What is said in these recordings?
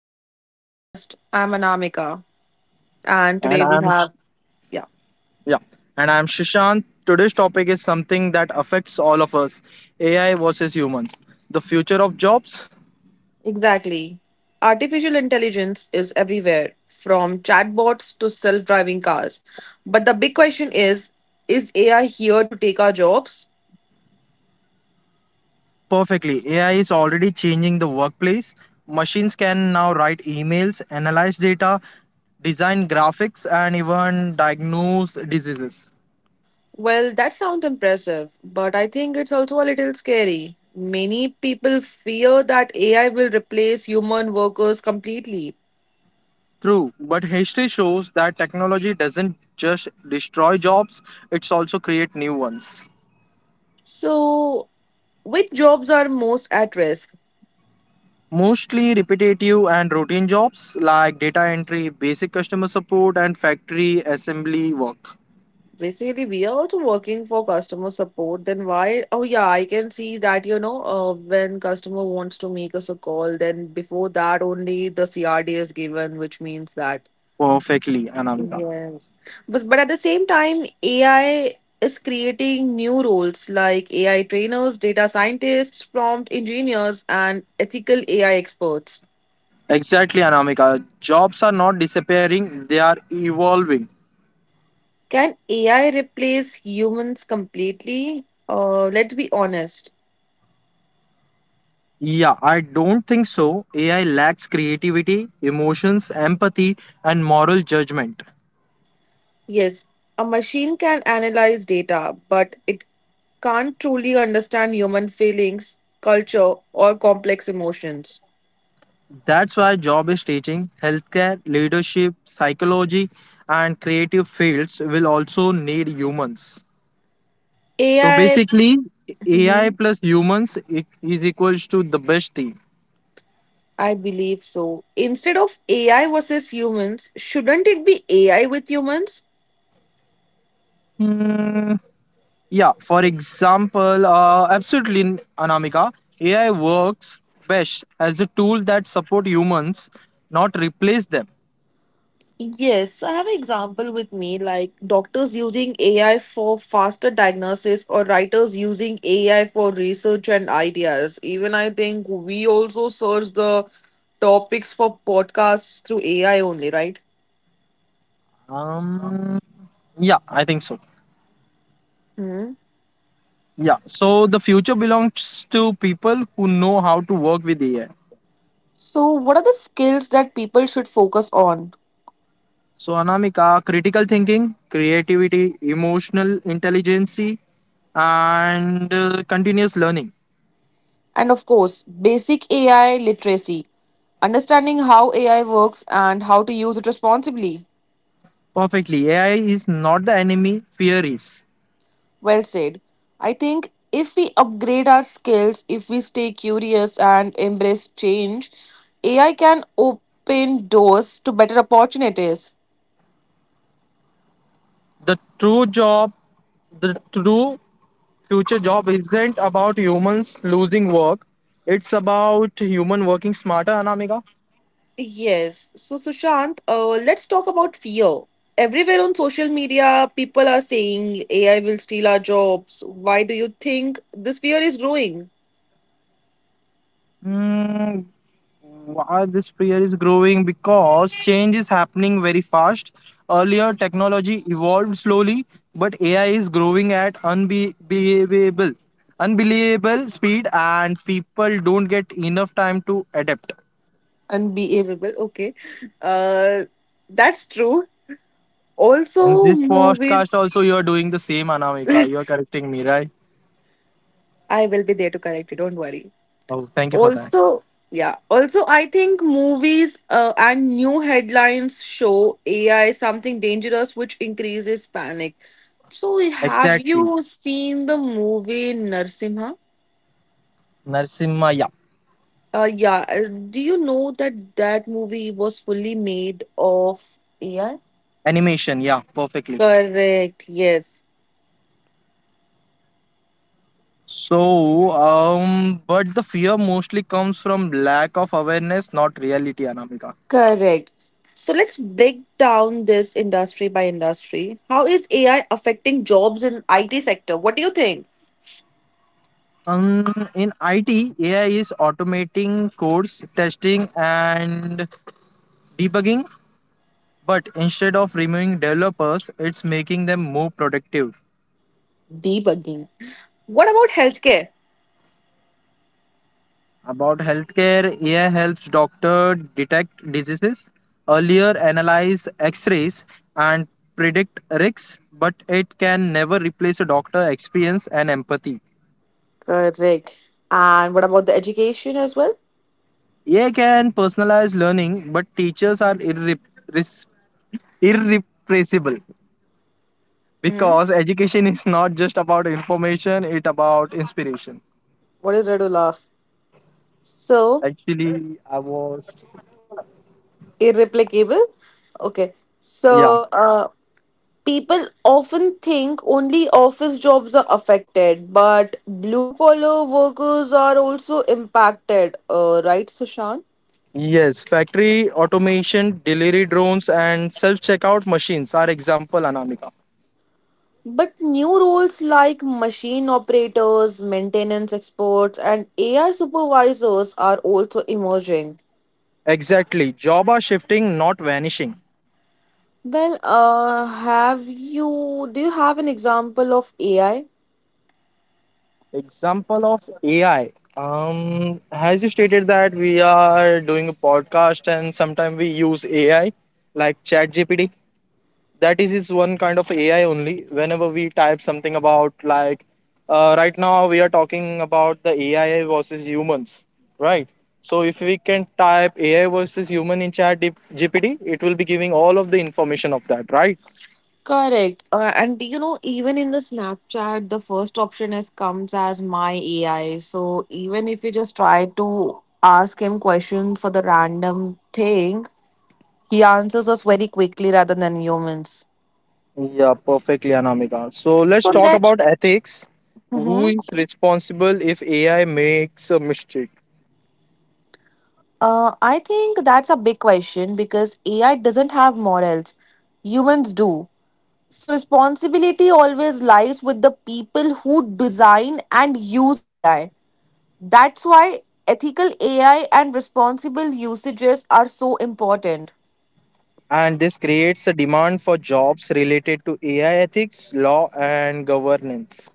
back to our podcast. I'm Anamika and And today we I'm have yeah, Yeah, and I'm Shishant. Today's topic is something that affects all of us: AI versus humans. The future of jobs. exactly. Artificial intelligence is everywhere from chatbots to self-driving cars. But the big question is AI here to take our jobs? Perfectly, AI is already changing the workplace. Machines can now write emails, analyze data, design graphics, and even diagnose diseases. Well, that sounds impressive, but I think it's also a little scary. Many people fear that AI will replace human workers completely. True, but history shows that technology doesn't just destroy jobs; it's also create new ones. So, which jobs are most at risk? Mostly repetitive and routine jobs like data entry, basic customer support, and factory assembly work. Basically, we are also working for customer support. Then why? Oh yeah, I can see that, when customer wants to make us a call, then before that only the CRD is given, which means that Perfectly, Anamika. yes. But at the same time, AI is creating new roles like AI trainers, data scientists, prompt engineers, and ethical AI experts. Exactly, Anamika. Jobs are not disappearing, they are evolving. Can AI replace humans completely? Let's be honest. Yeah, I don't think so. AI lacks creativity, emotions, empathy, and moral judgment. Yes, a machine can analyze data, but it can't truly understand human feelings, culture, or complex emotions. That's why job is teaching, healthcare, leadership, psychology, and creative fields will also need humans. So AI, basically, AI Mhm. plus humans is equals to the best team. I believe so. Instead of AI versus humans, shouldn't it be AI with humans? Hmm, yeah, for example, absolutely, Anamika, AI works best as a tool that support humans, not replace them. Yes, so I have an example with me like doctors using AI for faster diagnosis or writers using AI for research and ideas. Even I think we also search the topics for podcasts through AI only, right? Um, yeah, I think so. Hmm. Yeah, so the future belongs to people who know how to work with AI. So, what are the skills that people should focus on? So, Anamika, critical thinking, creativity, emotional intelligence, and continuous learning. And of course, basic AI literacy, understanding how AI works and how to use it responsibly. Perfectly. AI is not the enemy, fear is. Well said. I think if we upgrade our skills, if we stay curious and embrace change, AI can open doors to better opportunities. The true job, the true future job isn't about humans losing work. It's about human working smarter, Anamika. Yes. So, Sushant, let's talk about fear. Everywhere on social media, people are saying AI will steal our jobs. Why do you think this fear is growing? Hmm, why this fear is growing? Because change is happening very fast. Earlier, technology evolved slowly, but AI is growing at unbelievable speed, and people don't get enough time to adapt. Unbearable. Okay. Uh, that's true. In Also, this movies. podcast, also, you are doing the same, Anamika. You are correcting me, right? I will be there to correct you. Don't worry. Oh, thank you for that. Also, yeah, also I think movies and new headlines show AI something dangerous which increases panic. So have you Exactly. seen the movie Narsimha? Narsimha, yeah. Yeah do you know that that movie was fully made of AI? Animation, yeah, perfectly. Correct, yes. So, but the fear mostly comes from lack of awareness, not reality, Anamika. Correct. So let's break down this industry by industry. How is AI affecting jobs in IT sector? What do you think? In IT, AI is automating codes, testing, and debugging, but instead of removing developers, it's making them more productive. Debugging. What about healthcare? About healthcare, AI helps doctor detect diseases earlier, analyze X-rays, and predict risks, but it can never replace a doctor experience and empathy. AI can personalize learning, but teachers are res- irrepressible Mm-hmm. because education is not just about information; it about inspiration. What is there to laugh? So Actually, I was irreplicable. Okay. yeah. So uh, People often think only office jobs are affected, but blue collar workers are also impacted. Right, Sushant. Yes, factory automation, delivery drones, and self checkout machines are example, Anamika. But new roles like machine operators, maintenance experts, and AI supervisors are also emerging. Exactly. Job are shifting, not vanishing. Have you Do you have an example of AI? Example of AI. As you stated that we are doing a podcast and sometimes we use AI like ChatGPT. That is his one kind of AI only. Whenever we type something about, like, right now we are talking about the AI versus humans, right? So if we can type AI versus human in chat gpt it will be giving all of the information of that, right? Correct. And you know, even in the Snapchat, the first option is comes as my AI. So even if you just try to ask him questions for the random thing, he answers us very quickly rather than humans. Yeah, perfectly, Anamika. So So let's talk let about ethics. Who hmm. is responsible if AI makes a mistake? Uh, I think that's a big question because AI doesn't have morals. Humans do. So responsibility always lies with the people who design and use AI. That's why ethical AI and responsible usages are so important. And this creates a demand for jobs related to AI ethics, law, and governance.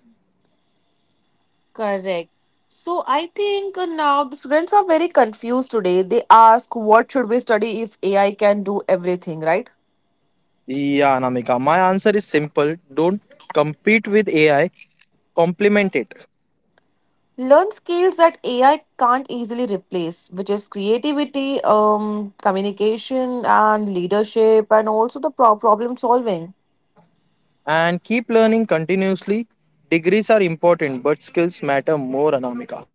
Correct. So I think now the students are very confused today. They ask, what should we study if AI can do everything, right? Yeah, Anamika, my answer is simple. Don't compete with AI, complement it, Learn skills that AI can't easily replace, which is creativity, communication, and leadership, and also the problem solving. and keep learning continuously. Degrees are important, but skills matter more, Anamika.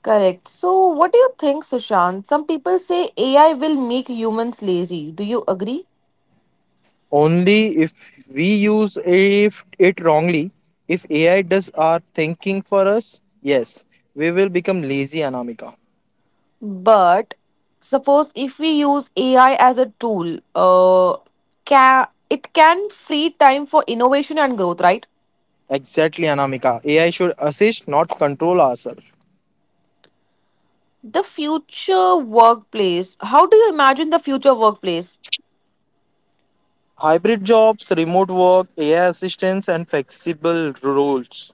Correct. So, what do you think, Sushant? Some people say AI will make humans lazy. Do you agree? Only if we use if it wrongly, if AI does our thinking for us, yes, we will become lazy, Anamika. But suppose if we use AI as a tool, it can free time for innovation and growth, right? Exactly, Anamika. AI should assist, not control ourselves. The future workplace. How do you imagine the future workplace? Hybrid jobs, remote work, AI assistance, and flexible roles.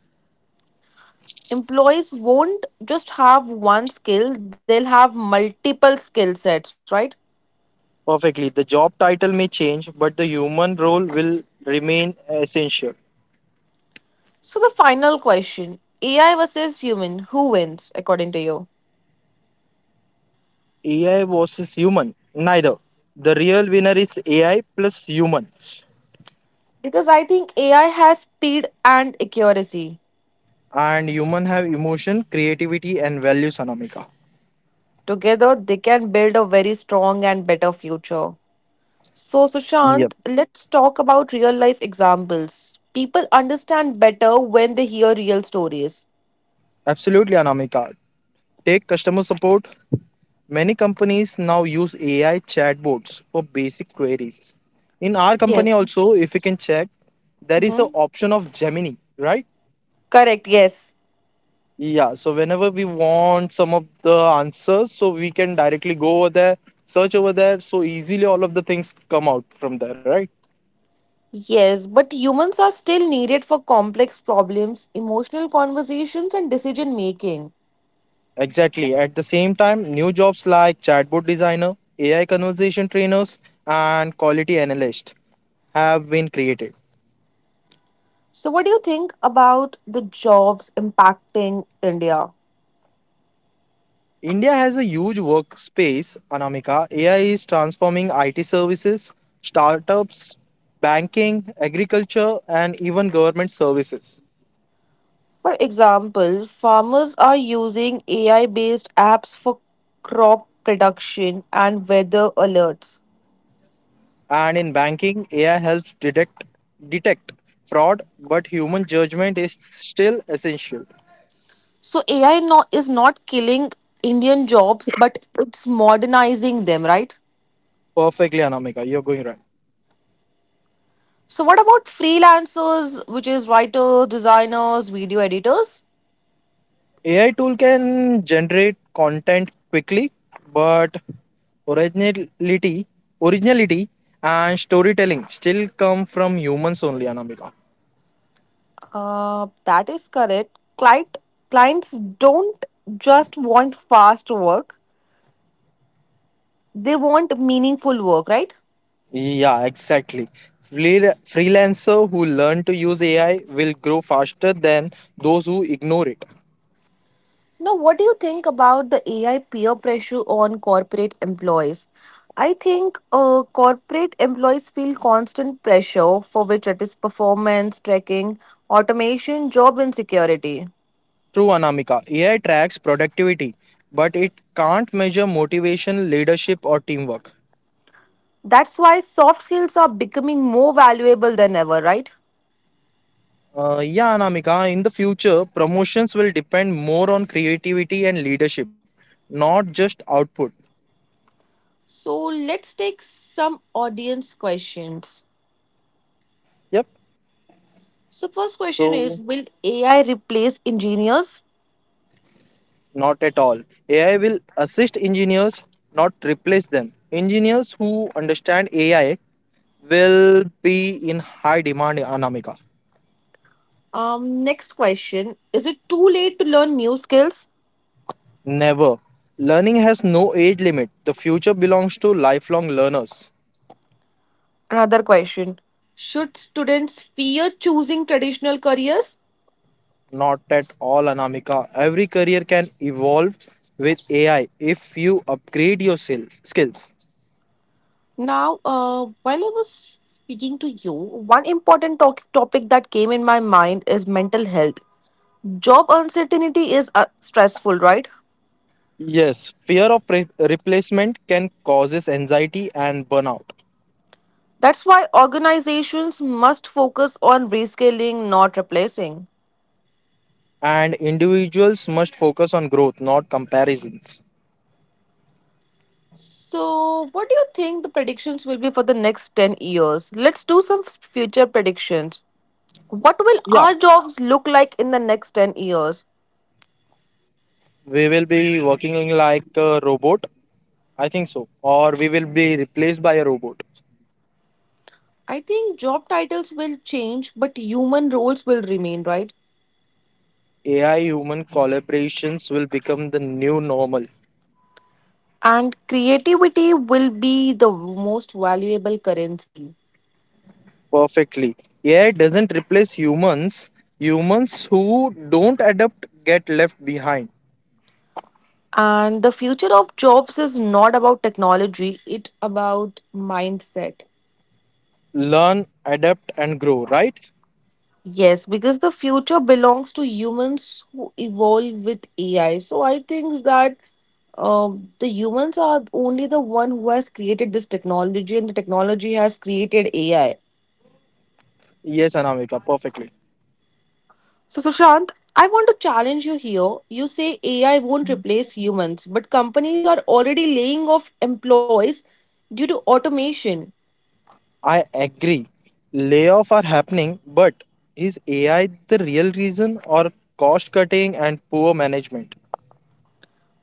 Employees won't just have one skill, they'll have multiple skill sets, right? Perfectly. The job title may change, but the human role will remain essential. So, the final question AI versus human, who wins according to you? AI versus human. Neither. The real winner is AI plus humans. Because I think AI has speed and accuracy. And human have emotion, creativity, and values, Anamika. Together, they can build a very strong and better future. So, Yep. Sushant, let's talk about real life examples. People understand better when they hear real stories. Absolutely, Anamika. Take customer support. Many companies now use AI chatbots for basic queries. In our company Yes. also, if you can check, there is an Mm-hmm. option of Gemini, right? Correct, yes. Yeah, so whenever we want some of the answers, so we can directly go over there, search over there, so easily all of the things come out from there, right? Yes, but humans are still needed for complex problems, emotional conversations, and decision making. Exactly. At the same time, new jobs like chatbot designer, AI conversation trainers, and quality analyst have been created. So, what do you think about the jobs impacting India? India has a huge workspace, Anamika. AI is transforming IT services, startups, banking, agriculture, and even government services. For example, farmers are using AI based apps for crop production and weather alerts. And in banking, AI helps detect fraud, but human judgment is still essential. So, AI no, is not killing Indian jobs, but it's modernizing them, right? Perfectly, Anamika, you're going right. So, what about freelancers, which is writers, designers, video editors? AI tool can generate content quickly, but originality, originality, and storytelling still come from humans only, Anamika. That is correct. Clients don't just want fast work, they want meaningful work, right? Yeah, exactly. Freelancer who learn to use AI will grow faster than those who ignore it. Now, what do you think about the AI peer pressure on corporate employees? I think corporate employees feel constant pressure, for which it is performance tracking, automation, job insecurity. True, Anamika. AI tracks productivity, but it can't measure motivation, leadership, or teamwork. That's why soft skills are becoming more valuable than ever, right? Yeah, Anamika, in the future, promotions will depend more on creativity and leadership, not just output. So, let's take some audience questions. Yep, So, first question is so will AI replace engineers? not at all. AI will assist engineers, not replace them. Engineers who understand AI will be in high demand, Anamika. Next question is it too late to learn new skills? Never. Learning has no age limit. The future belongs to lifelong learners. Another question should students fear choosing traditional careers? Not at all, Anamika. Every career can evolve with AI if you upgrade your skills. Now, while I was speaking to you, one important topic that came in my mind is mental health. Job uncertainty is stressful, right? Yes, fear of replacement can causes anxiety and burnout, That's why organizations must focus on rescaling, not replacing. and individuals must focus on growth, not comparisons. So, what do you think the predictions will be for the next 10 years? Let's do some future predictions. What will Yeah, our jobs look like in the next 10 years? we will be working like a robot, I think so, or we will be replaced by a robot. I think job titles will change, but human roles will remain, right? AI human collaborations will become the new normal. And creativity will be the most valuable currency. Perfectly. AI doesn't replace humans. Humans who don't adapt get left behind. And the future of jobs is not about technology, it about mindset. Learn, adapt, and grow, right? Yes, because the future belongs to humans who evolve with AI. So I think that the humans are only the one who has created this technology and the technology has created AI. Yes, Anamika, perfectly. So, Sushant, I want to challenge you here. You say AI won't replace humans, but companies are already laying off employees due to automation. I agree. Layoffs are happening, but is AI the real reason or cost cutting and poor management?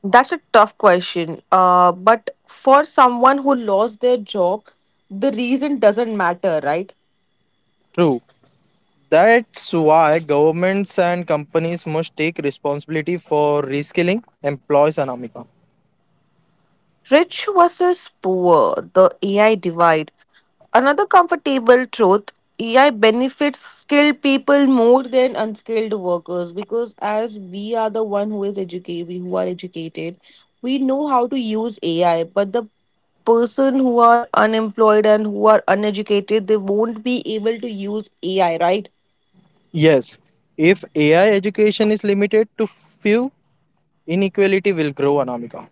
That's a tough question. But for someone who lost their job, the reason doesn't matter, right? True. That's why governments and companies must take responsibility for reskilling employees, Anamika. Rich versus poor, the AI divide. Another comfortable truth AI benefits skilled people more than unskilled workers because as we are the one who is educated, we who are educated, we know how to use AI. But the person who are unemployed and who are uneducated, they won't be able to use AI, right? Yes, if AI education is limited to few, inequality will grow, Anamika.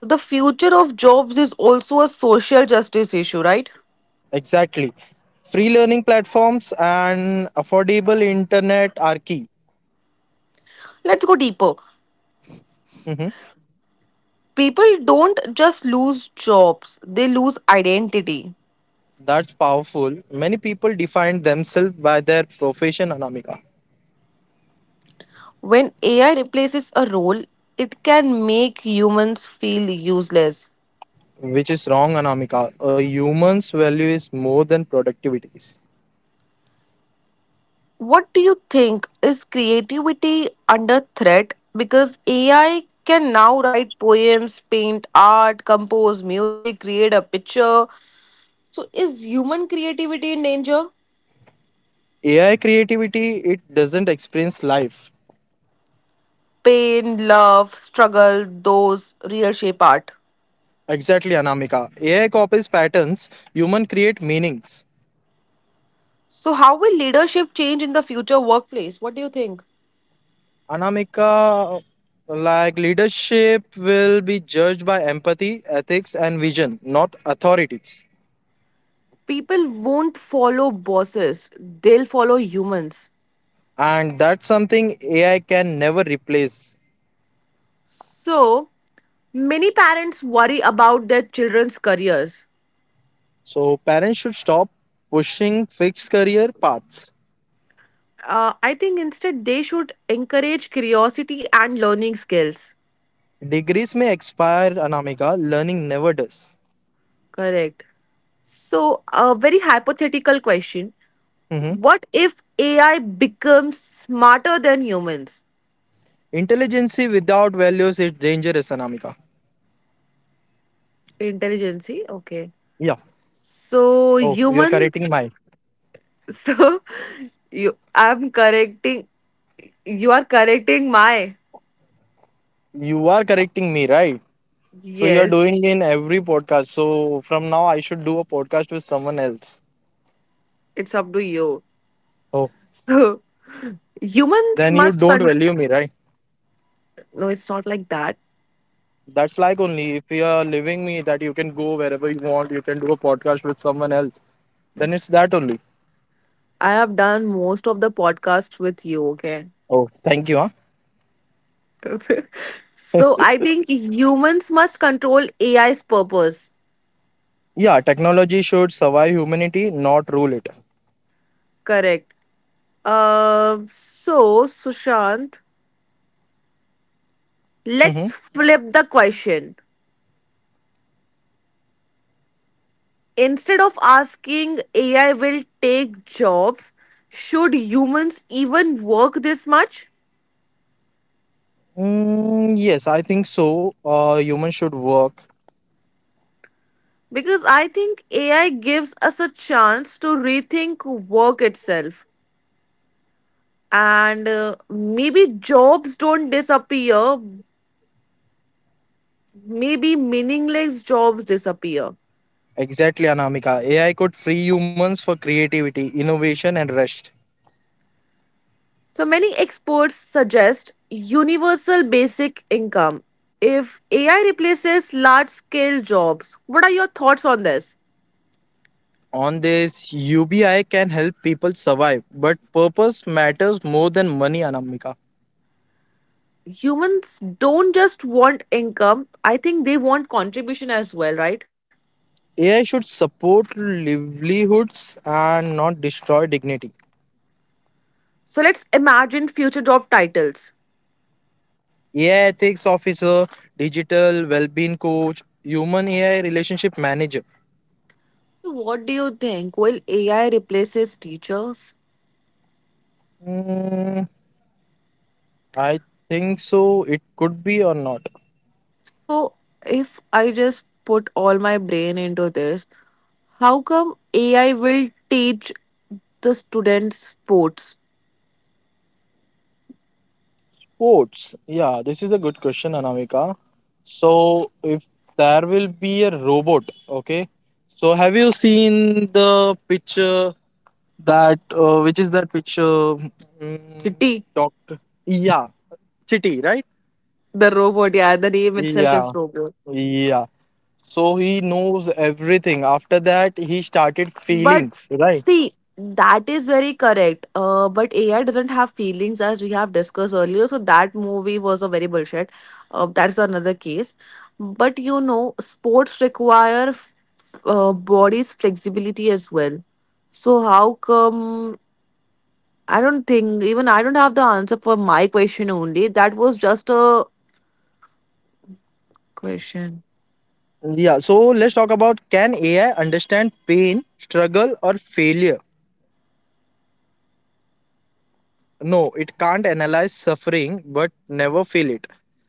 So the future of jobs is also a social justice issue, right? Exactly. Free learning platforms and affordable internet are key. Let's go deeper. Mhm. People don't just lose jobs, they lose identity. That's powerful. Many people define themselves by their profession, Anamika, When AI replaces a role, it can make humans feel useless. which is wrong, Anamika. A human's value is more than productivities. What do you think? Is creativity under threat? Because AI can now write poems, paint art, compose music, create a picture. So, is human creativity in danger? AI creativity, it doesn't experience life. Pain, love, struggle, those real shape art. Exactly, Anamika. AI copies patterns, human create meanings. So, how will leadership change in the future workplace? What do you think? Anamika, like leadership will be judged by empathy, ethics, and vision, not authorities. People won't follow bosses, they'll follow humans. And that's something AI can never replace. So, many parents worry about their children's careers. So parents should stop pushing fixed career paths. I think instead they should encourage curiosity and learning skills. Degrees may expire, Anamika. Learning never does. Correct. So, a very hypothetical question Hmm. what if AI becomes smarter than humans? Intelligence without values is dangerous, Anamika. Intelligence, okay. Yeah. So, Oh, you're correcting humans, my. so I'm correcting, you are correcting my. You are correcting me, right? So you are Yes, doing in every podcast. So from now I should do a podcast with someone else. it's up to you. Oh. So, humans Then you must don't con- value me, right? No, it's not like that. That's like only if you are leaving me that you can go wherever you want, you can do a podcast with someone else. Then it's that only. I have done most of the podcasts with you, okay? Oh, thank you. Huh? So I think humans must control AI's purpose. Yeah, technology should survive humanity, not rule it. Correct. So, Sushant, Mm-hmm. let's flip the question. Instead of asking AI will take jobs, should humans even work this much? Yes, I think so. Humans should work. Because I think AI gives us a chance to rethink work itself. And maybe jobs don't disappear, maybe meaningless jobs disappear. Exactly, Anamika. AI could free humans for creativity, innovation, and rest. So many experts suggest universal basic income. If AI replaces large scale jobs, what are your thoughts on this? On this, UBI can help people survive, but purpose matters more than money, Anamika. Humans don't just want income, I think they want contribution as well, right? AI should support livelihoods and not destroy dignity. So let's imagine future job titles. AI ethics officer, digital well-being coach, human AI relationship manager. So what do you think, will AI replaces teachers? Mm, I think so. It could be or not. So, if I just put all my brain into this, how come AI will teach the students sports? Sports. Yeah, this is a good question, Anamika. So if there will be a robot, okay. So have you seen the picture? That which is that which mm, Kitty, doctor? Yeah, Chitty, right? the robot, yeah, the name itself Yeah, is robot. yeah. So he knows everything. After that, he started But feelings, right? see, that is very correct. But AI doesn't have feelings as we have discussed earlier. So that movie was a very bullshit. That's another case. But you know, sports require body's flexibility as well. So how come I don't have the answer for my question only. That was just a question. Yeah. So let's talk about, can AI understand pain, struggle, or failure? No, it can't analyze suffering but never feel it.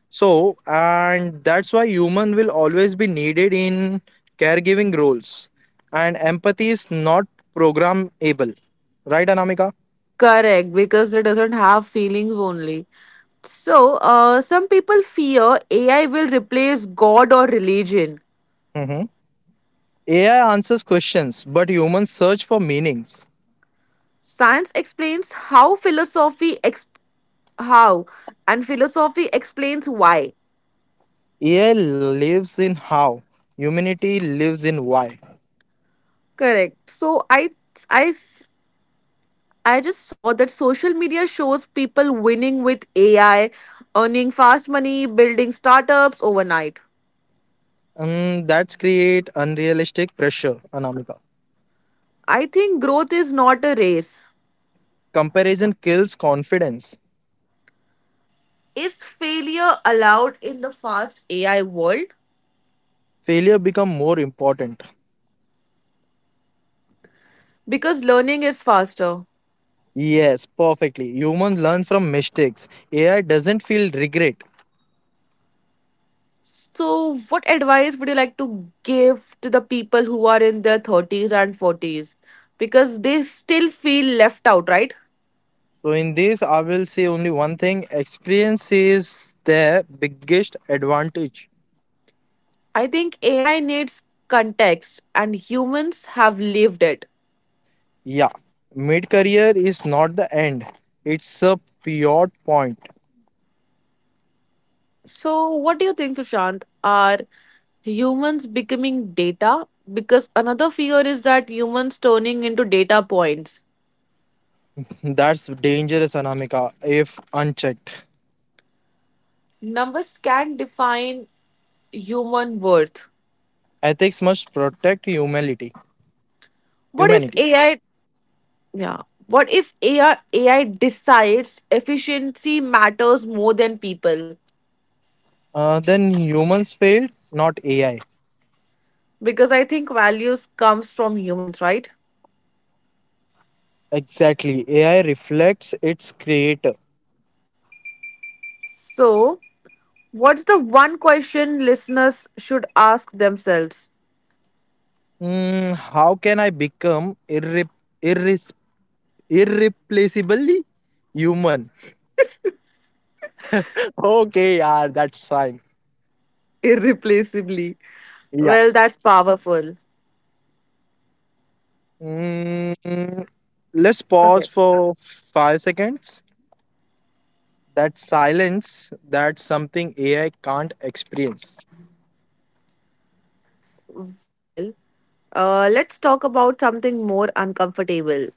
So, and that's why human will always be needed in caregiving roles. And empathy is not programmable. Right, Anamika? Correct, because it doesn't have feelings only. So, some people fear AI will replace God or religion. Mhm. AI answers questions, but humans search for meanings. Science explains how philosophy ex- how and philosophy explains why. AI lives in how, humanity lives in why. Correct. So I I just saw that social media shows people winning with AI, earning fast money, building startups overnight. And that's create unrealistic pressure, Anamika. I think growth is not a race. Comparison kills confidence. Is failure allowed in the fast AI world? Failure become more important. Because learning is faster. Yes, perfectly. Humans learn from mistakes. AI doesn't feel regret. So, what advice would you like to give to the people who are in their 30s and 40s? Because they still feel left out, right? So, in this, I will say only one thing: experience is the biggest advantage. I think AI needs context, and humans have lived it. Yeah, mid career is not the end, it's a pivot point. So, what do you think, Sushant? Are humans becoming data? Because another fear is that humans turning into data points. That's dangerous, Anamika, if unchecked. Numbers can define human worth. Ethics must protect humanity. What if Humanity. AI? Yeah. What if AI decides efficiency matters more than people? Then humans failed, not AI. Because I think values comes from humans, right? Exactly. AI reflects its creator. So, what's the one question listeners should ask themselves? How can I become irre- irreplaceably human? Okay, yeah, that's fine. Irreplaceably. Yeah. Well, that's powerful. Mm, let's pause Okay. for 5 seconds. That silence, that's something AI can't experience. Well, let's talk about something more uncomfortable.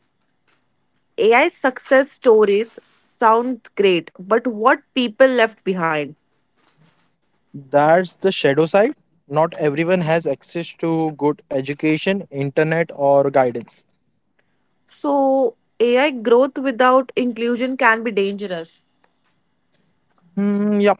AI success stories sound great, but what people left behind? That's the shadow side. Not everyone has access to good education, internet, or guidance. So, AI growth without inclusion can be dangerous. Hmm. Yeah.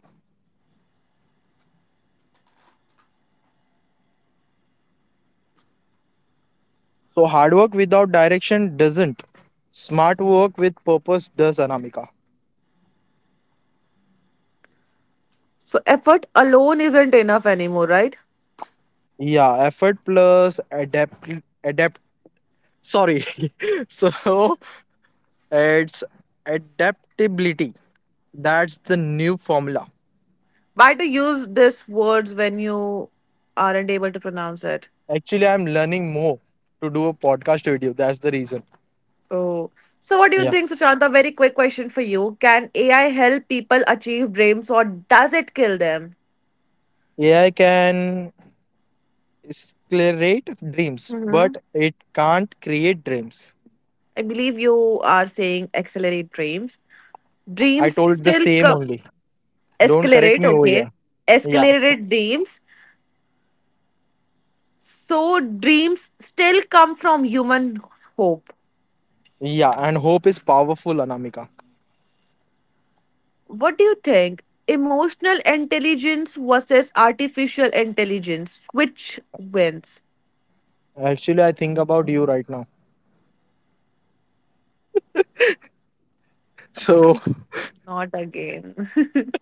So hard work without direction doesn't. Smart work with purpose does, Anamika. So, effort alone isn't enough anymore, right? Yeah, effort plus adapt, sorry. So it's adaptability. That's the new formula. Why to use these words when you aren't able to pronounce it? Actually, I'm learning more to do a podcast video. That's the reason. Oh. So what do you Yeah. think, Sushanta? Very quick question for you. Can AI help people achieve dreams or does it kill them? AI can accelerate dreams, Hmm. but it can't create dreams. I believe you are saying accelerate dreams. I Dreams told the still same come, only. Don't correct escalate, me over okay. here. Yeah. Escalated dreams. So dreams still come from human hope. Yeah, and hope is powerful, Anamika. What do you think? Emotional intelligence versus artificial intelligence. Which wins? Actually, I think about you right now. So Not again.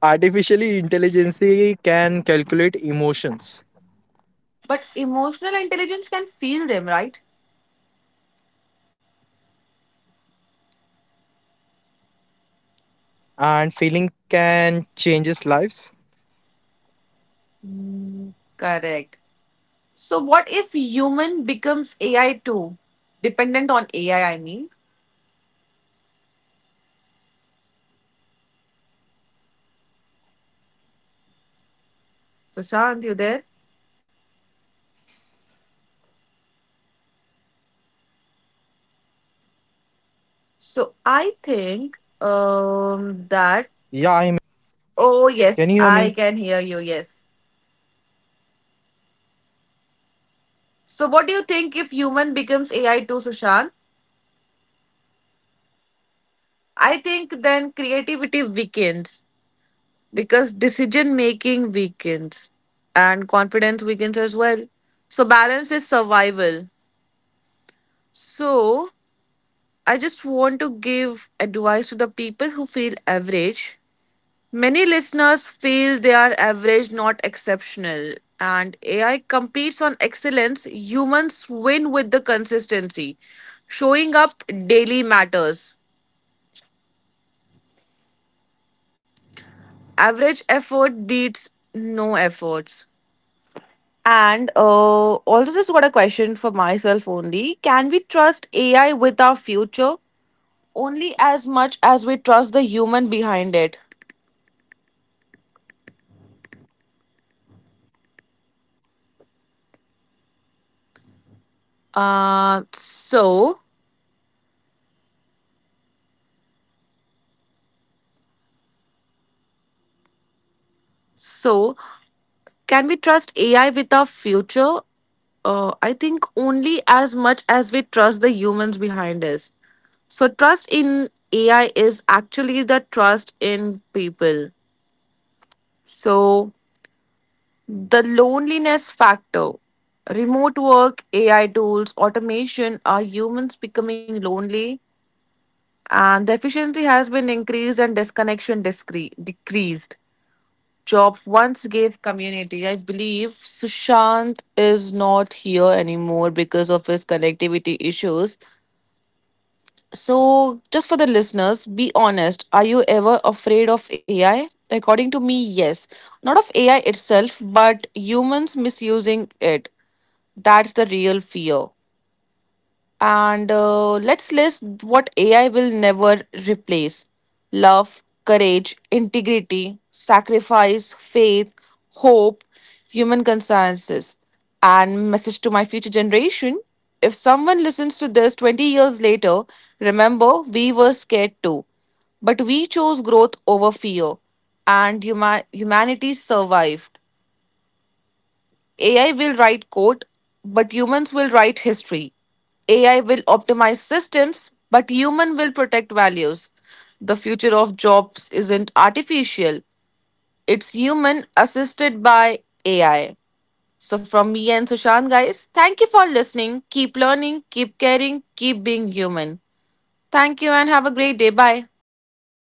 artificial intelligence can calculate emotions But emotional intelligence can feel them, right? and feeling can changes lives. Correct. So what if human becomes AI too? Dependent on AI, I mean. Then creativity weakens. So Shant, you there? Yeah, I'm here only. Can you hear me? Can you hear me? So I think that oh yes, I can hear you, yes. So what do you think if human becomes AI too, Sushant? I think then creativity weakens because decision making weakens and confidence weakens as well. So balance is survival. So I just want to give advice to the people who feel average. Many listeners feel they are average, not exceptional. And AI competes on excellence. Humans win with the consistency. Showing up daily matters. Average effort beats no efforts. And also, just got a question for myself only. Can we trust AI with our future? Only as much as we trust the human behind it. Uh, so, so can we trust AI with our future? I think only as much as we trust the humans behind us. So trust in AI is actually the trust in people. So the loneliness factor, remote work, AI tools, automation, are humans becoming lonely? And the efficiency has been increased and disconnection decreased. Chop once gave community. I believe Sushant is not here anymore because of his connectivity issues. So, just for the listeners, be honest. Are you ever afraid of AI? According to me, yes. Not of AI itself, but humans misusing it. That's the real fear. And let's list what AI will never replace love, courage, integrity, sacrifice, faith, hope, human consensus. And message to my future generation if someone listens to this 20 years later, remember we were scared too. But we chose growth over fear, and humanity survived. AI will write code, but humans will write history. AI will optimize systems, but human will protect values. The future of jobs isn't artificial, it's human assisted by AI. So, from me and Sushant, guys, thank you for listening. Keep learning, keep caring, keep being human. Thank you and have a great day. Bye.